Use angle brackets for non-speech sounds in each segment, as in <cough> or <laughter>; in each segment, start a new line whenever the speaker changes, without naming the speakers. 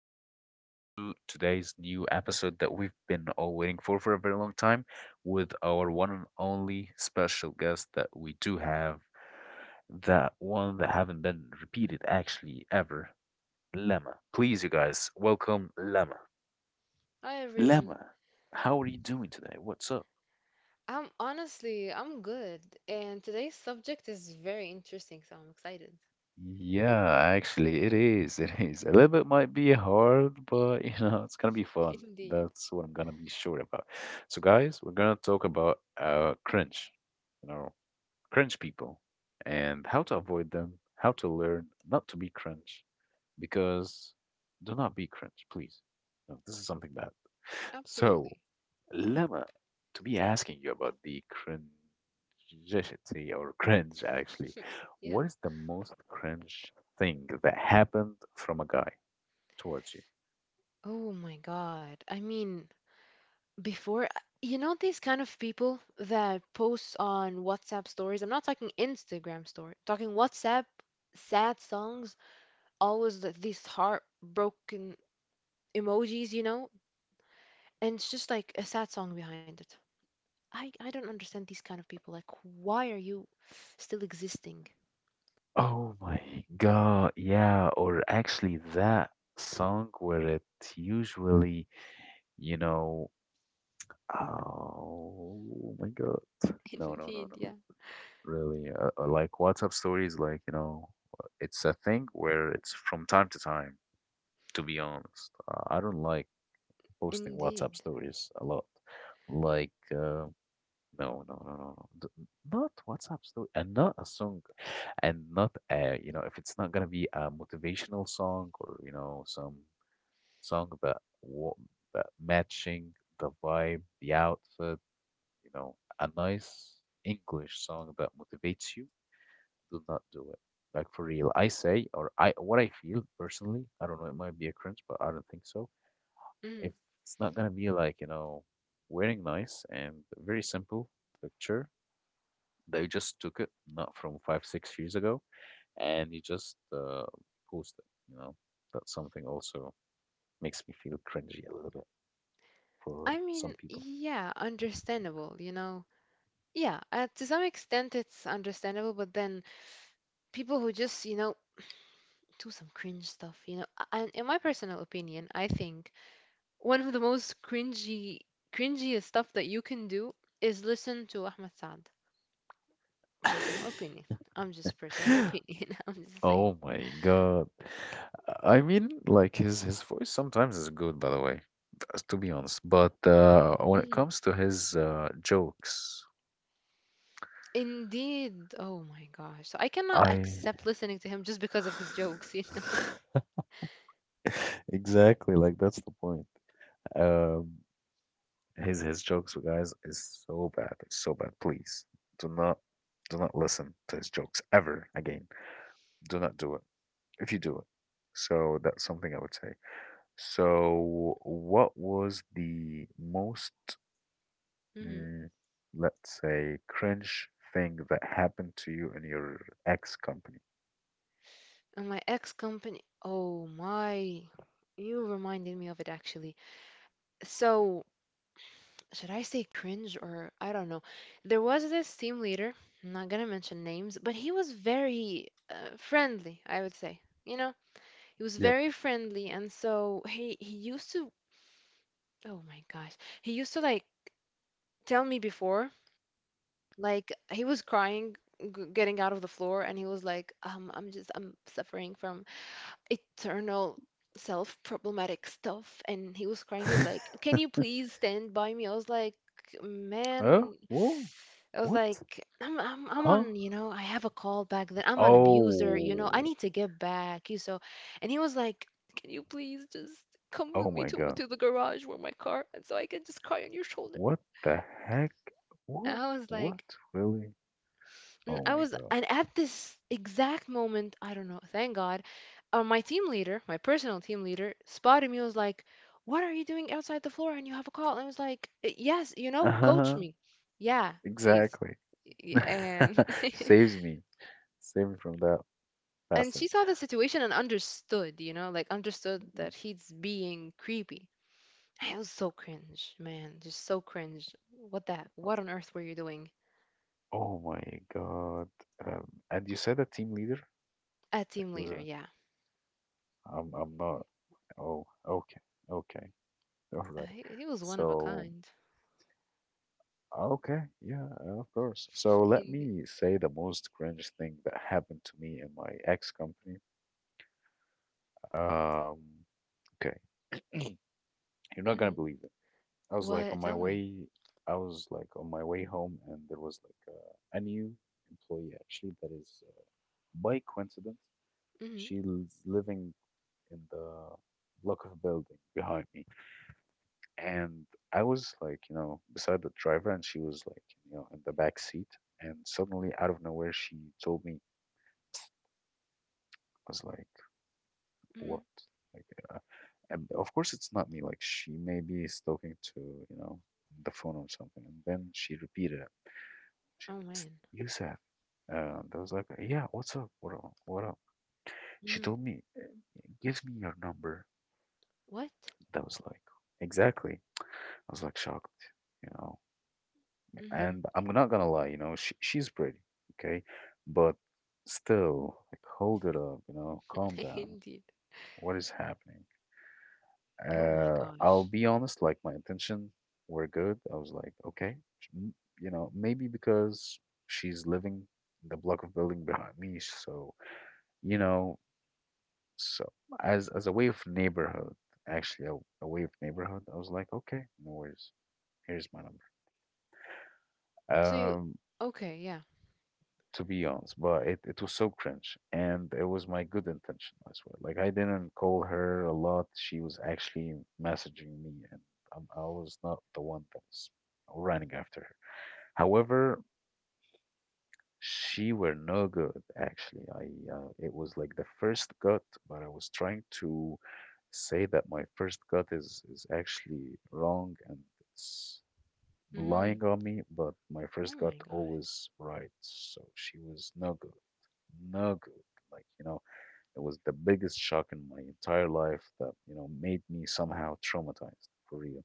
to our to do today's new episode that we've been all waiting for a very long time with our one and only special guest that we do have, that one that haven't been repeated actually ever, Lemma. Please, you guys, welcome Lemma.
Hi everyone.
Lemma, how are you doing today? What's up?
I'm honestly, I'm good, and today's subject is very interesting, so I'm excited.
Yeah, actually, it is. It is. A little bit might be hard, but you know, it's gonna be
<laughs>
fun.
Indeed.
That's what I'm gonna be sure about. So, guys, we're gonna talk about cringe, you know, cringe people and how to avoid them, how to learn not to be cringe, because do not be cringe, please. No, this is something bad. So,
Absolutely.
Lama, to be asking you about the cringeity or cringe actually,
Yeah.
what is the most cringe thing that happened from a guy towards you?
Oh my God. I mean, before, these kind of people that post on WhatsApp stories. I'm not talking Instagram story, talking WhatsApp, sad songs, always these heartbroken emojis, you know, and it's just like a sad song behind it. I don't understand these kind of people. Like, why are you still existing?
Oh my God. Yeah. Or actually, that song where it usually, you know, oh my God. No, no, no,
Indeed,
no.
yeah.
Really. Like WhatsApp stories, like, you know, it's a thing where it's from time to time, to be honest. I don't like posting WhatsApp
Indeed.
stories a lot. Like, no, no, no, no, no. Not WhatsApp story and not a song and not a, you know, if it's not gonna be a motivational song or, you know, some song that matching the vibe, the outfit, you know, a nice English song that motivates you, do not do it. Like for real, I say or I what I feel personally. I don't know. It might be a cringe, but I don't think so
Mm.
if it's not gonna be like, you know, wearing nice and very simple picture, they just took it not from five, 6 years ago, and you just post it, you know. That's something also makes me feel cringy a little bit for
I
some
mean,
people.
yeah, understandable, you know. Yeah, to some extent it's understandable, but then people who just, do some cringe stuff, And in my personal opinion, I think one of the most cringy, cringiest stuff that you can do is listen to Ahmed Saad. Personal opinion. I'm just personal
<laughs>
opinion. <laughs> I'm just saying.
Oh my God. I mean, like his voice sometimes is good, by the way, to be honest. But when it
Mhm.
comes to his jokes,
Indeed. Oh my gosh. So I cannot
I <sighs>
accept listening to him just because of his jokes.
<laughs> <laughs> Exactly, like that's the point. Um, his jokes, you guys, is so bad. It's so bad. Please do not do not listen to his jokes ever again. Do not do it. If you do it, so that's something I would say. So, what was the most,
<laughs>
mm, let's say, cringe thing that happened to you in your ex company?
And my ex company. Oh my. You reminded me of it actually. So, should I say cringe or I don't know. There was this team leader. I'm not gonna mention names, but he was very friendly, I would say. You know, he was
Yep.
very friendly, and so he used to, oh my gosh, he used to like tell me before, like he was crying, g getting out of the floor, and he was like, I'm suffering from eternal self problematic stuff, and he was crying. He was like,
<laughs>
can you please stand by me? I was like,
Huh?
man.
Whoa.
I was
What?
like, I'm
Huh?
on, I have a call back then. I'm an abuser, I
Oh.
need to get back you so. And he was like, can you please just come with
Oh
me
my
to
God.
to the garage where my car, and so I can just cry on your shoulder?
What the heck?
And
What?
I was like,
What? Really?
and I
Oh my
was
God.
and at this exact moment I don't know, thank God, my team leader, my personal team leader, spotted me. Was like, "What are you doing outside the floor? And you have a call?" And I was like, yes, you know, coach
Uh-huh.
me. Yeah, please."
Exactly.
Y-
<laughs>
And <laughs>
Saves me. Save me from that
and she
bastard.
saw the situation and understood, you know, like understood
Mhm.
that he's being creepy. I was so cringe, man, just so cringe. What that? What on earth were you doing?
Oh my God. And you said a team leader?
A
Like
team
he was
leader,
a,
yeah.
I'm not. Oh, okay. Okay. All right.
He was one of a
So,
kind.
okay. Yeah, of course. So
<laughs>
let
Indeed.
me say the most cringe thing that happened to me in my ex company. Um, okay. <clears throat> You're not gonna
Hmm.
believe this. I was like on
What?
my
Tell me.
way, I was like on my way home, and there was like a new employee actually that is by coincidence
Hmm.
she's living in the block of building behind me, and I was like you know beside the driver, and she was like you know in the back seat, and suddenly out of nowhere she told me. I was like,
Hmm.
what, like, uh, and of course it's not me, like she maybe is talking to, you know, the phone or something, and then she repeated it. She
Oh man.
Yusef. That was like, yeah, what's up? What up? What up? She
Hmm.
told me, give me your number.
What?
That was like, exactly. I was like shocked, you know.
Mhm.
And I'm not gonna lie, you know, she's pretty, okay? But still, like, hold it up, you know, calm
<laughs>
down.
Indeed.
What is happening?
Oh my
I'll
gosh.
be honest, like, my intention were good. I was like, okay, m- you know, maybe because she's living in the block of building behind me, so you know, so as a way of neighborhood, actually a way of neighborhood, I was like, okay, no worries. Here's my number.
So you,
Um,
okay, yeah.
to be honest, but it was so cringe, and it was my good intention, I swear. Like I didn't call her a lot. She was actually messaging me, and I was not the one that was running after her. However, she were no good, actually. I it was like the first gut, but I was trying to say that my first gut is actually wrong and it's
Mhm.
lying on me, but my first
Oh
gut
my God.
always right. So she was no good, no good. Like, you know, it was the biggest shock in my entire life that, you know, made me somehow traumatized for real.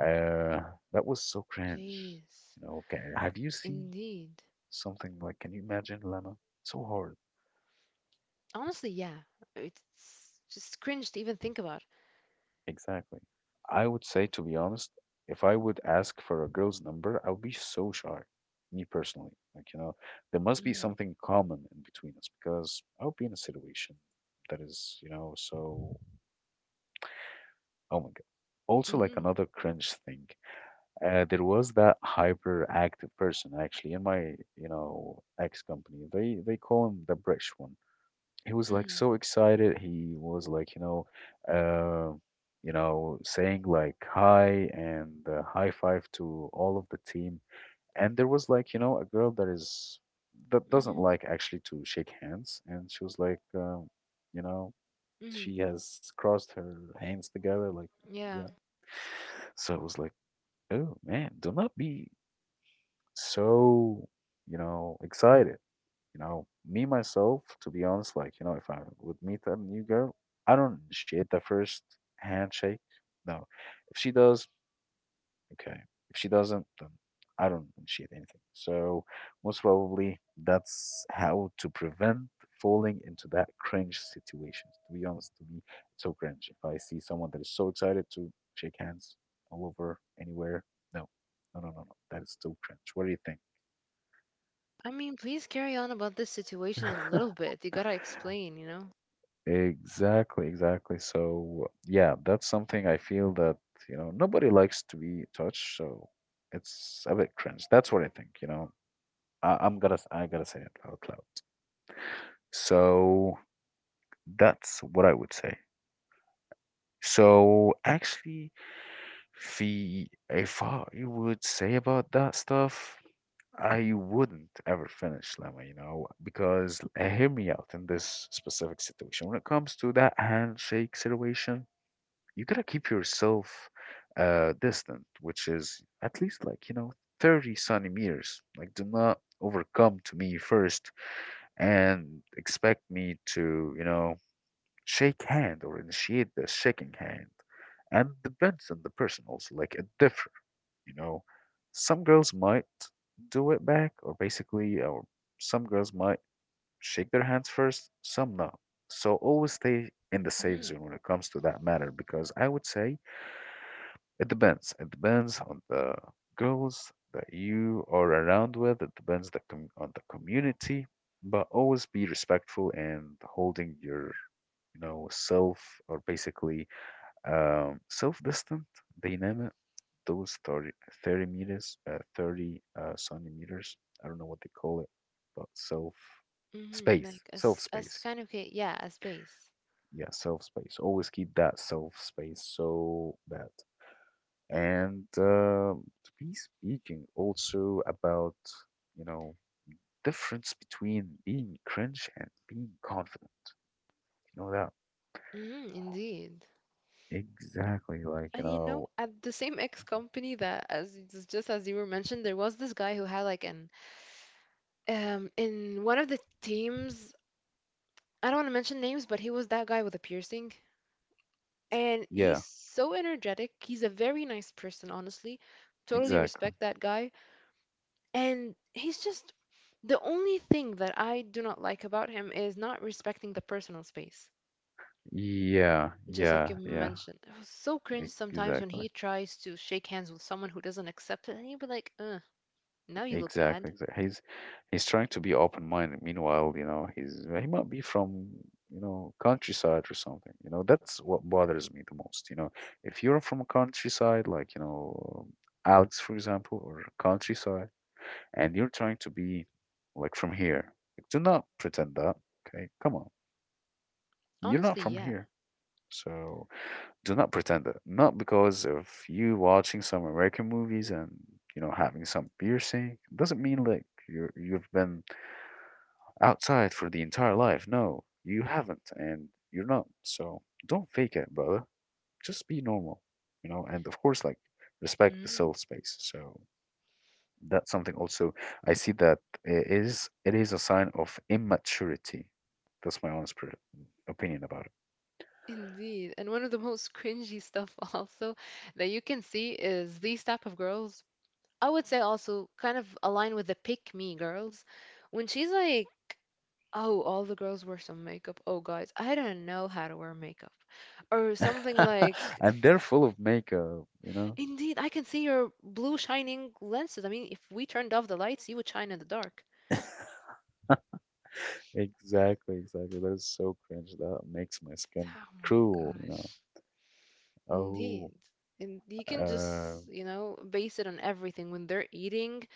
Uh, that was so cringe.
Jeez.
You know, okay. Have you seen
Indeed.
something like, can you imagine, Lemma? So hard.
Honestly, yeah. It's just cringe to even think about.
Exactly. I would say, to be honest, if I would ask for a girl's number, I would be so shy, me personally. Like, you know, there must be
Mhm.
something common in between us because I would be in a situation that is, you know, so, oh my God. Also, like
Mhm.
another cringe thing, there was that hyperactive person actually in my, you know, ex company. They call him the British one. He was like
Mhm.
so excited. He was like, uh, you know, saying like hi and high five to all of the team. And there was like, you know, a girl that doesn't
Mhm.
like actually to shake hands, and she was like, you know, she
Mhm.
has crossed her hands together, like,
Yeah.
yeah. So it was like, oh man, do not be so, you know, excited. You know, me myself, to be honest, like, you know, if I would meet a new girl, I don't initiate the first handshake. No. If she does, okay. If she doesn't, then I don't initiate anything. So most probably that's how to prevent falling into that cringe situation. To be honest, to me, it's so cringe. If I see someone that is so excited to shake hands all over, anywhere, no. No, no, no, no. That is so cringe. What do you
I mean, please carry on about this situation a
think?
little
<laughs>
bit. You gotta explain, you know?
Exactly, exactly. So, yeah, that's something I feel that, you know, nobody likes to be touched, so it's a bit cringe. That's what I think, you know. I'm gonna, I gotta say it out loud. So that's what I would say. So actually, في if I would say about that stuff, I wouldn't ever finish Lemma, you know, because hear me out in this specific situation. When it comes to that handshake situation, you gotta keep yourself distant, which is at least like, you know, 30 centimeters. Like, do not overcome to me first and expect me to, you know, shake hand or initiate the shaking hand. And depends on the person also, like it differ, you know. Some girls might do it back or basically or some girls might shake their hands first, some not. So always stay in the safe
Mhm.
zone when it comes to that matter because I would say it depends. It depends on the girls that you are around with. It depends the com on the community, but always be respectful and holding your, you know, self or basically self-distant. They name it. Those 30, thirty meters, 30 centimeters. I don't know what they call it, but
Mhm. Like
self
as
space.
kind of yeah, as base.
Yeah, self space. Always keep that self space so that and to be speaking also about, you know, difference between being cringe and being confident. You know that?
Mhm. Indeed.
Exactly. Like, you
And you know,
know,
at the same X company that as it's just as you were mentioned, there was this guy who had like an in one of the teams. I don't want to mention names, but he was that guy with a piercing. And he's
yeah,
so energetic. He's a very nice person, honestly. Totally
exactly.
respect that guy. And he's just the only thing that I do not like about him is not respecting the personal space.
Yeah,
Just
yeah,
like you
yeah,
mentioned, it was so cringe sometimes when
exactly.
he tries to shake hands with someone who doesn't accept it, and he'd be like, now you look bad."
Exactly, exactly. He's trying to be open-minded. Meanwhile, you know, he might be from, you know, countryside or something. You know, that's what bothers me the most. You know, if you're from a countryside, like, you know, Alex, for example, or countryside, and you're trying to be like from here, like, do not pretend that. Okay, come on. You're
Honestly,
not from
yeah.
here. So do not pretend that. Not because of you watching some American movies and, you know, having some piercing. Doesn't mean like you've been outside for the entire life. No, you haven't, and you're not. So don't fake it, brother. Just be normal, you know. And of course, like respect the
Mm,
self space. So that's something also I see that it is a sign of immaturity. That's my honest opinion about it.
indeed. And one of the most cringy stuff <laughs> also that you can see is these type of girls. I would say also kind of align with the pick me girls. When she's like, oh, all the girls wear some makeup. Oh, guys, I don't know how to wear makeup. Or something like,
<laughs> and they're full of makeup,
<laughs>
you know?
indeed, I can see your blue shining lenses. I mean, if we turned off the lights, you would shine in the dark.
<laughs> Exactly, exactly. That is so cringe. That makes my skin
Oh my
cruel, you know.
gosh.
Oh,
Indeed. And you can
uh,
just, you know, base it on everything. When they're eating,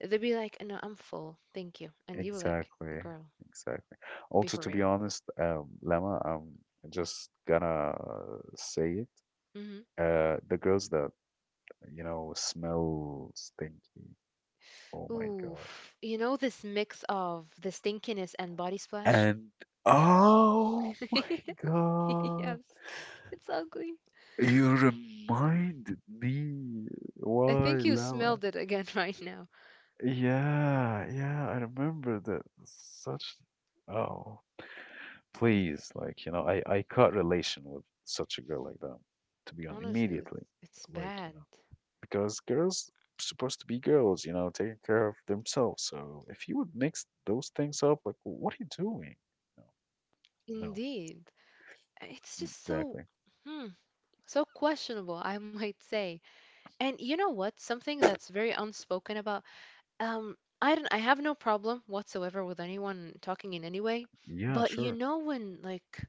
they'll be like, no, I'm full. Thank you. And you were like,
exactly,
girl,
exactly.
be
Also,
for
to be
real.
honest, Lama, I'm just gonna say it.
Hmm.
The girls that, you know, smell stinky. Oh my God.
Oof. You know this mix of the stinkiness and body splash?
And oh my
<laughs>
God.
Yes. It's ugly.
You reminded me.
I
Why,
think you
Lama?
smelled it again <laughs> right now.
Yeah, yeah, I remember that. Such. Oh,
It
please, like, I cut relation with such a girl like that, to be honest,
honestly, it was,
immediately.
it's
Like,
bad.
because girls supposed to be girls, you know, taking care of themselves. So if you would mix those things up, like, what are you doing? No, no,
Indeed. It's just so,
exactly.
hmm, so questionable, I might say. And you know what? Something that's very unspoken about. I don't. I have no problem whatsoever with anyone talking in any way.
Yeah,
But you
sure.
know when like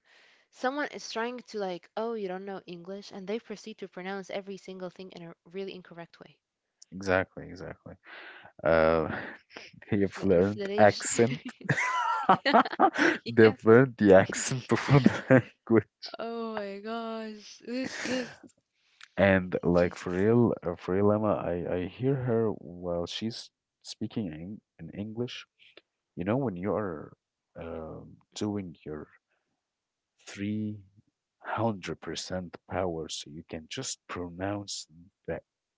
someone is trying to like, oh, you don't know English, and they proceed to pronounce every single thing in a really incorrect way.
Exactly, exactly. Uh, <laughs> your
The
fluent
inflation.
accent.
<laughs> Yeah,
<laughs>
yeah.
They've learned the accent <laughs> before the language.
Oh my gosh, this just
And like
Jesus.
for real, Emma, I hear her while she's speaking in English. You know, when you are doing your 300% power, so you can just pronounce the,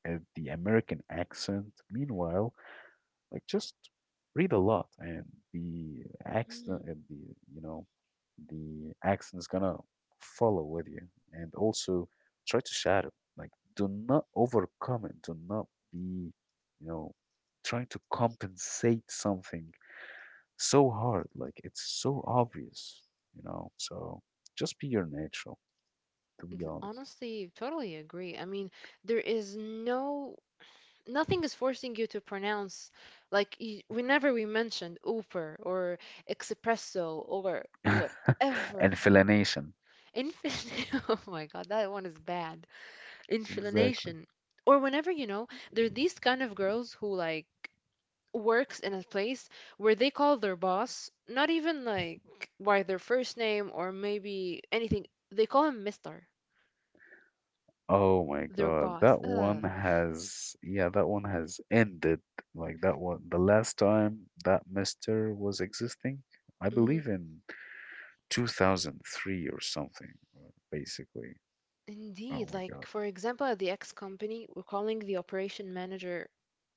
the American accent. Meanwhile, like just read a lot, and the accent,
Mm.
and the the accent is gonna follow with you. And also try to shadow. Like do not overcome it. Do not be, you know, trying to compensate something so hard. Like it's so obvious, you know. So just be your natural, to be honest.
Honestly, totally agree. I mean, there is no nothing is forcing you to pronounce like y whenever we mentioned Uber or espresso or
<laughs>
whatever.
And explanation.
Infin, <laughs> oh my God, that one is bad.
Exactly.
Inflammation. Or whenever, you know, there are these kind of girls who like works in a place where they call their boss not even like by their first name or maybe anything. They call him Mister,
Oh my
their
God,
boss.
that one
Ugh.
has, yeah, that one has ended. Like that one, the last time that Mister was existing, I believe in 2003 or something, basically. Oh
Indeed,
my God.
like for example, at the X company, we're calling the operation manager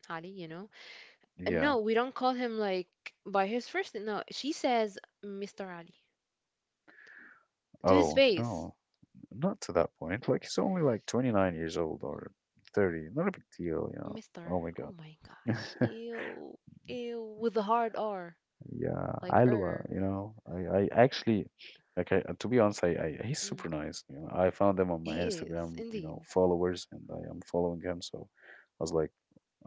Ali, you know. And
Yeah.
no, we don't call him like by his first name. No, she says Mr. Ali to his
Oh
face.
no, not to that point. Like he's only like 29 years old or 30. Not a big deal, you know.
Mr.
Oh my
Oh
God.
my
<laughs>
gosh. Ew. Ew. With the hard R,
Yeah,
like
Alua,
er.
you know, I actually, like, I, to be honest, I he's
Mm.
super nice. You know, I found him on my
He is,
Instagram, you know,
indeed.
followers, and I am following him. So I was like,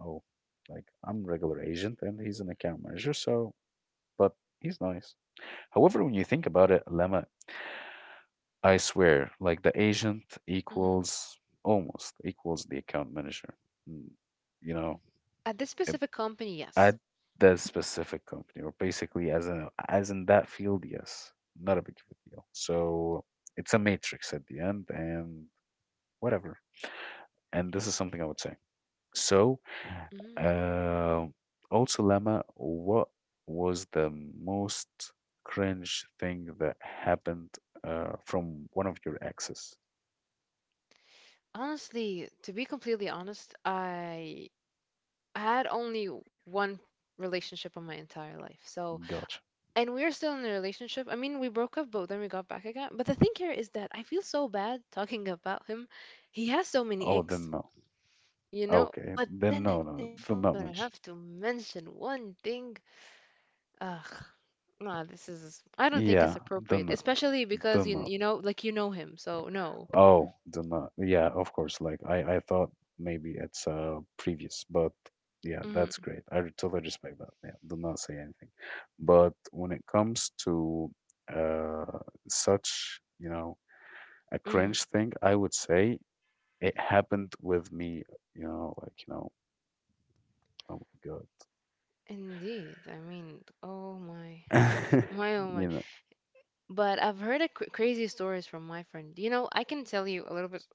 oh, like I'm regular agent, and he's an account manager. So, but he's nice. However, when you think about it, Lemma, I swear, like the agent
Hmm.
equals almost equals the account manager. Mm, you know,
At this specific company, yes.
at that specific company, or basically as a as in that field, yes, not a big of a deal. So it's a matrix at the end, and whatever. And this is something I would say. So,
Hmm.
uh, also, Lama, what was the most cringe thing that happened from one of your exes?
Honestly, to be completely honest, I had only one relationship in my entire life. So,
Gotcha.
and we're still in a relationship. I mean, we broke up, but then we got back again. But the thing here is that I feel so bad talking about him. He has so many
Oh,
icks,
then no.
you know?
Okay,
But
then
then
no,
again,
no,
if
do
I'm
not
gonna
mention.
have to mention one thing, ugh, nah, this is, I don't think it's
Yeah, do
appropriate,
not,
especially
do
because you
not.
you know, like you know him, so no.
Oh, do not. Yeah, of course. Like I thought maybe it's previous, but yeah,
Hmm.
that's great. I re- totally respect that. Yeah, do not say anything. But when it comes to uh such, you know, a
Hmm.
cringe thing, I would say it happened with me, you know, like, you know, oh my
Indeed. I mean, oh my.
God. <laughs>
My oh my.
You know,
But I've heard a cr crazy stories from my friend. You know, I can tell you a little bit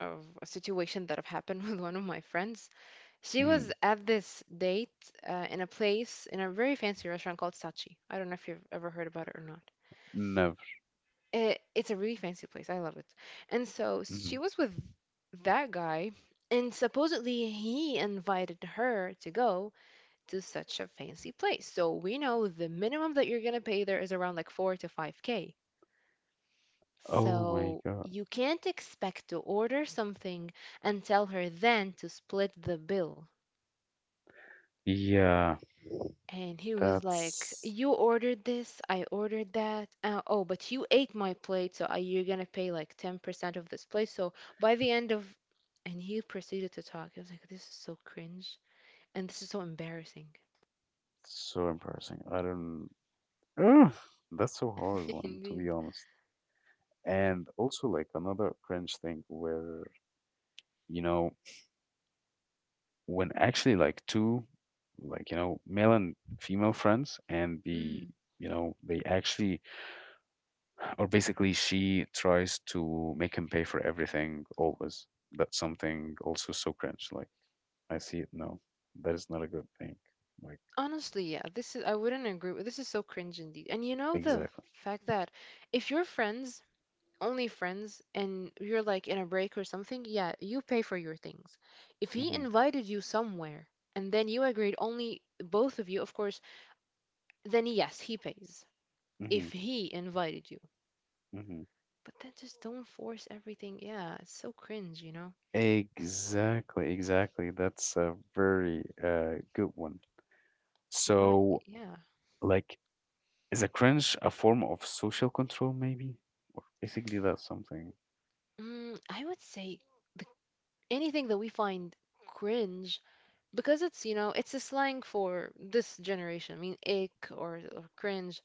of a situation that have happened <laughs> with one of my friends. She was
mm,
at this date in a place in a very fancy restaurant called Sachi. I don't know if you've ever heard about it or not.
never.
It's a really fancy place. I love it. And so
Mhm.
she was with that guy, and supposedly he invited her to go to such a fancy place. So we know the minimum that you're gonna pay there is around like four to five K.
Oh my
So
God.
you can't expect to order something and tell her then to split the bill.
Yeah,
And he was like,
that's
you ordered this, I ordered that. Oh, but you ate my plate, so you're gonna pay like 10% of this plate. So by the end of. And he proceeded to talk. I was like, this is so cringe. And this is so embarrassing.
so embarrassing. I don't ugh, that's so hard
<laughs>
one to be
Indeed.
honest. And also like another cringe thing where, you know, when actually like two like, you know, male and female friends and the
Mm.
you know, they actually or basically she tries to make him pay for everything always. That's something also so cringe. Like I see it now. That is not a good thing. Like
Honestly, yeah, this is, I wouldn't agree with, this is so cringe indeed. And you know the
exactly.
fact that if your friends only friends and you're like in a break or something, yeah, you pay for your things. If he
Hmm.
invited you somewhere and then you agreed only both of you, of course, then yes, he pays.
Hmm.
If he invited you.
Hmm.
But then just don't force everything. Yeah, it's so cringe, you know?
Exactly, exactly. That's a very good one.
What?
So,
Yeah.
like, is a cringe a form of social control, maybe? Basically, that's something.
Mm, I would say the, anything that we find cringe because it's, you know, it's a slang for this generation. I mean, ick or cringe.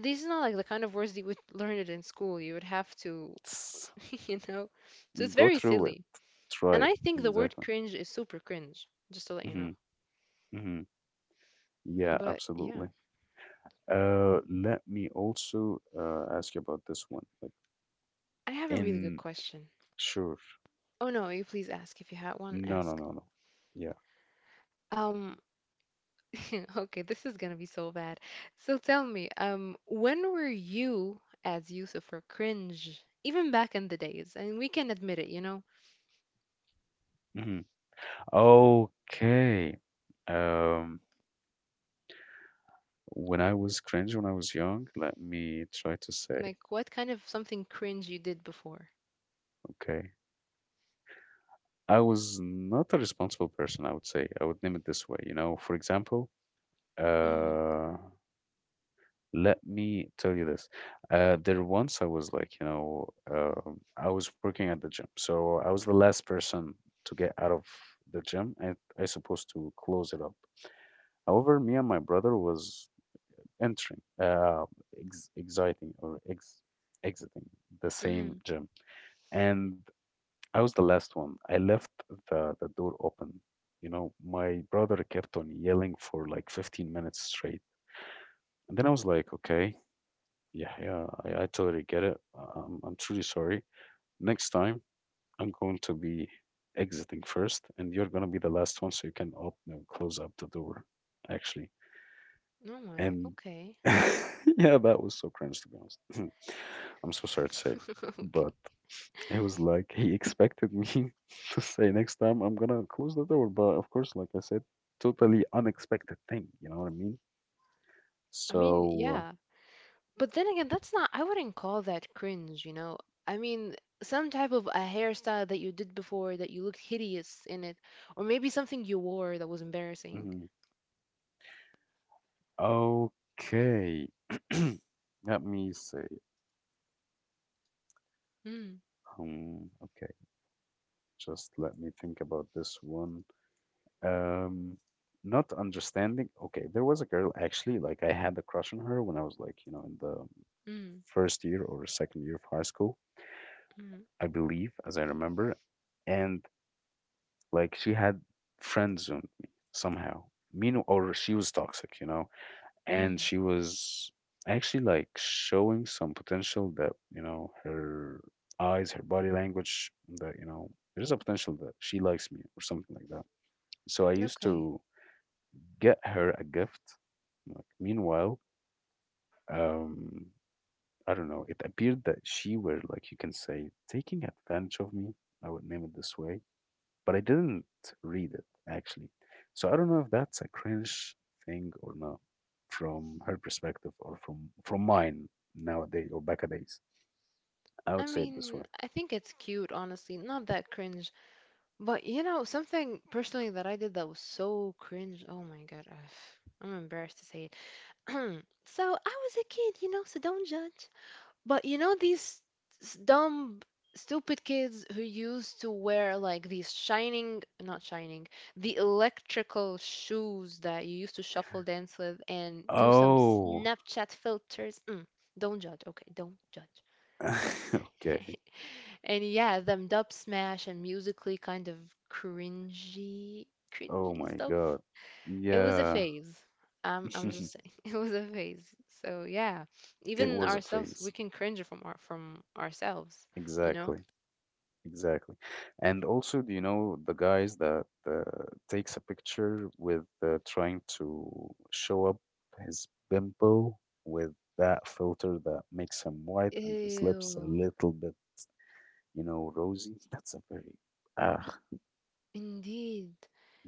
These are not like the kind of words that you would learn it in school. You would have to,
It's,
<laughs> you know. So it's
go
very
through it.
silly.
Try
And
it.
I think the word
Exactly.
cringe is super cringe, just to let you
Hmm.
know.
Hmm. Yeah,
But yeah,
absolutely. Let me also ask you about this one. Like,
I have a really good
in
question.
sure.
Oh no, you please ask if you had one,
No, no,
ask.
no, no. Yeah.
Um, <laughs> okay, this is gonna be so bad. So tell me, when were you as Yusuf or cringe, even back in the days? And we can admit it, you know?
Hmm. Okay. Um, when I was cringe when I was young, let me try to say,
Like what kind of something cringe you did before?
okay. I was not a responsible person, I would say. I would name it this way. You know, for example,
Mm-hmm.
uh, let me tell you this. There once I was like, you know, I was working at the gym. So I was the last person to get out of the gym and I supposed to close it up. However, me and my brother was entering, ex exiting exiting the same
Mm-hmm.
gym. And I was the last one. I left the door open. You know, my brother kept on yelling for like 15 minutes straight. And then I was like, okay, yeah, yeah, I totally get it. I'm truly sorry. Next time, I'm going to be exiting first, and you're going to be the last one, so you can open and close up the door, actually.
Oh my,
And
okay.
<laughs> yeah, that was so cringe, to be honest. <clears throat> I'm so sorry to say,
<laughs> Okay.
but it was like, he expected me <laughs> to say next time I'm gonna close the door, but of course, like I said, totally unexpected thing. You know what I mean?
I mean,
So,
yeah. But then again, that's not, I wouldn't call that cringe, you know? I mean, some type of a hairstyle that you did before that you looked hideous in it, or maybe something you wore that was embarrassing.
mhm. Okay. <clears throat> Let me say,
Mm,
okay, just let me think about this one. Um, not understanding. Okay, there was a girl actually, like I had a crush on her when I was like, you know, in the
mm,
first year or second year of high school,
mm,
I believe, as I remember. And like she had friend zoned me somehow. Meanwhile, or she was toxic, you know, and
mm.
she was actually like showing some potential that you know her eyes, her body language, that you know there's a potential that she likes me or something like that. So I used
Okay.
to get her a gift. Like meanwhile, um, I don't know. It appeared that she were like you can say taking advantage of me. I would name it this way but I didn't read it actually. So I don't know if that's a cringe thing or not from her perspective or from mine nowadays or back a days. I
I
would say it this way.
mean, I think it's cute, honestly. Not that cringe. But, you know, something personally that I did that was so cringe. Oh my God. Ugh. I'm embarrassed to say it. <clears throat> So I was a kid, you know, so don't judge. But you know these dumb, stupid kids who used to wear like these shining, not shining, the electrical shoes that you used to shuffle dance with and do some
Oh,
Snapchat filters. Mm, don't judge, okay? Don't judge.
<laughs> okay.
<laughs> And yeah, them dub smash and musically kind of cringy,
Oh
cringy
my
stuff.
God.
It was a
Yeah,
phase. I'm
<laughs>
just saying <laughs> it was a phase. So yeah,
it
even
was a
ourselves, we
phase.
can cringe from our from ourselves, you know?
Exactly. Exactly. And also, do you know the guys that takes a picture with trying to show up his pimple with that filter that makes him white and his lips a
Ew,
little bit, you know, rosy? <laughs> That's a very, ah,
indeed.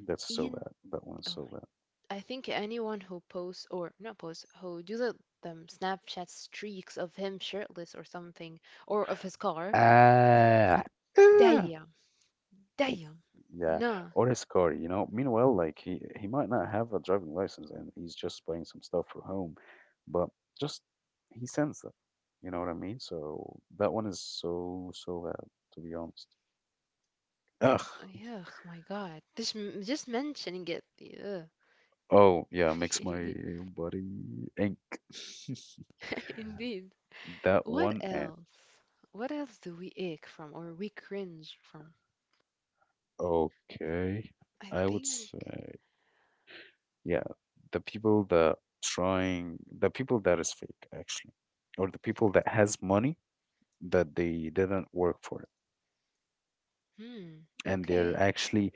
that's so
Ian,
bad. That
oh
one's so
my, I think anyone who posts or not posts, who do the them Snapchat streaks of him shirtless or something, or of his car,
bad. Ah, ah.
damn, damn,
Yeah,
nah.
or his car, you know. Meanwhile, like he might not have a driving license and he's just buying some stuff for home, but just he sends that. You know what I mean? So that one is so so bad, to be honest. Ugh.
Ugh, my God. Just, m- just mentioning it. Ugh.
Oh yeah,
<laughs>
makes my
Indeed.
body ink. <laughs>
<laughs> Indeed.
That
What
one and
else? What else do we ache from or we cringe from?
okay,
I
I would
think.
say yeah, the people that trying the people that is fake actually, or the people that has money that they didn't work for it.
Hmm.
And they're
Okay.
actually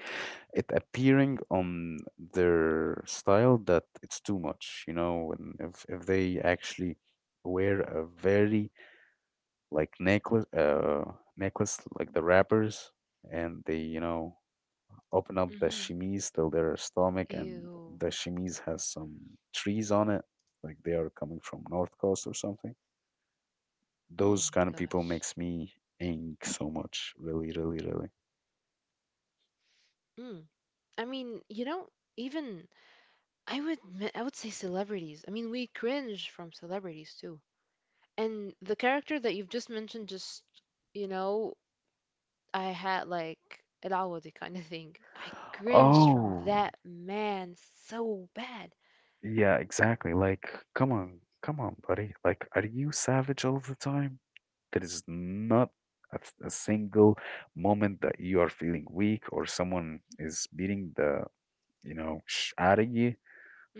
it appearing on their style that it's too much you know when if they actually wear a very like necklace necklace like the rappers and they you know open up the
Mm-hmm.
chemise till their stomach and
Ew.
the chemise has some trees on it like they are coming from north coast or something
Oh
those
my
kind of people
gosh.
makes me ink so much really really really.
Mm. I mean, you know, even I would me- I would say celebrities. I mean, we cringe from celebrities too. And the character that you've just mentioned, just you know, I had like العوضي kind of thing. I cringed from
Oh,
that man so bad.
yeah, exactly. Like, come on, come on, buddy. Like, are you savage all the time? There is not a, th- a single moment that you are feeling weak or someone is beating the, you know, sh out of you.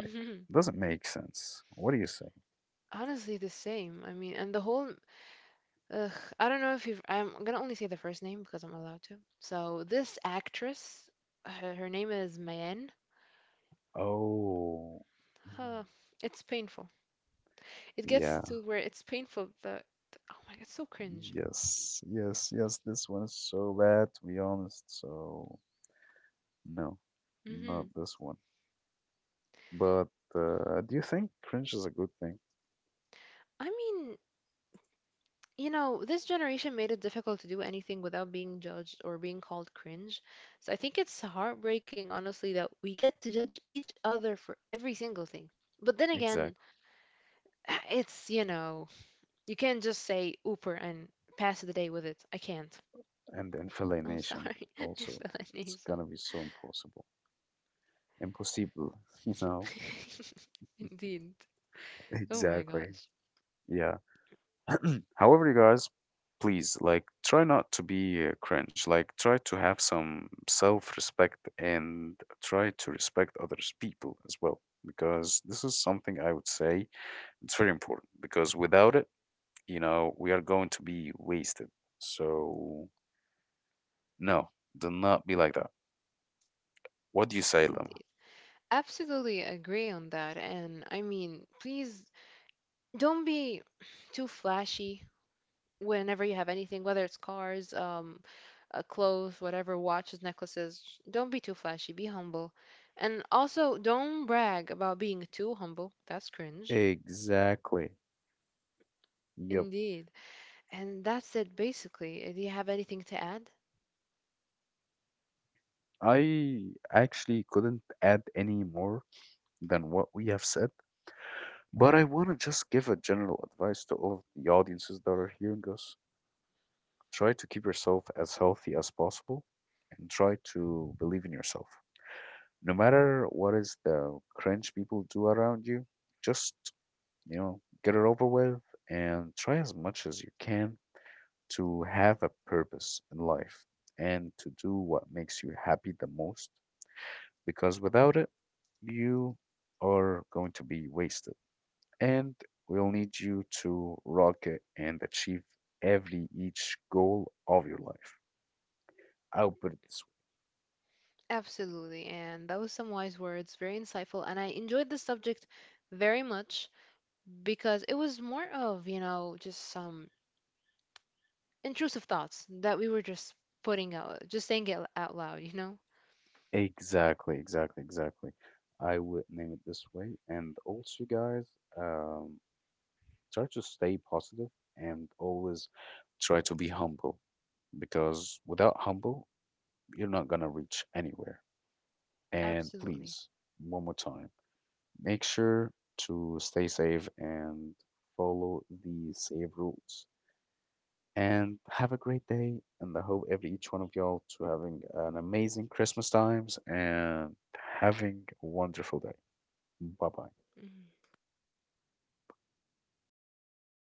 Like, doesn't make sense. What do you say?
Honestly, the same. I mean, and the whole. Ugh, I don't know if you've. I'm gonna only say the first name because I'm allowed to. So this actress, her name is Mayen.
Oh,
Huh,
mhm.
it's painful. It gets
Yeah.
to where it's painful. The oh my god, it's so cringe.
Yes, yes, yes. This one is so bad, to be honest. So. No, not
Hmm.
this one. But do you think cringe is a good thing?
I mean, you know, this generation made it difficult to do anything without being judged or being called cringe. So I think it's heartbreaking, honestly, that we get to judge each other for every single thing. But then again,
Exactly.
<sighs> it's, you know. You can't just say Uber and pass the day with it. I can't.
And
I'm
infiliation
sorry, <laughs>
also. It's
explanation.
gonna be so impossible. Impossible, <laughs> you know?
<laughs> Indeed. Oh my
Exactly.
gosh.
Yeah. <clears throat> However, you guys, please, like, try not to be cringe. Like, try to have some self-respect and try to respect others people as well. Because this is something I would say it's very important. Because without it, you know, we are going to be wasted. So, no, do not be like that. What do you say, Lama?
Indeed. Absolutely agree on that. And I mean, please don't be too flashy whenever you have anything, whether it's cars, clothes, whatever, watches, necklaces. Don't be too flashy. Be humble. And also, don't brag about being too humble. That's cringe.
Exactly. Yep.
Indeed. And that's it, basically. Do you have anything to add?
I actually couldn't add any more than what we have said, but I want to just give a general advice to all of the audiences that are hearing us. Try to keep yourself as healthy as possible and try to believe in yourself. No matter what is the cringe people do around you, just, you know, get it over with and try as much as you can to have a purpose in life and to do what makes you happy the most because without it, you are going to be wasted. And we'll need you to rock it and achieve every each goal of your life. I'll put it this
Absolutely. And that was some wise words, very insightful. And I enjoyed the subject very much because it was more of, you know, just some intrusive thoughts that we were just putting out, just saying it out loud, you know?
exactly, exactly, exactly. I would name it this way. And also, guys, um, try to stay positive and always try to be humble because without humble, you're not gonna reach anywhere. And
Absolutely.
please, one more time, make sure to stay safe and follow the safe rules. And have a great day. And I hope every each one of y'all to having an amazing Christmas times and having a wonderful day. Bye-bye.
Mhm.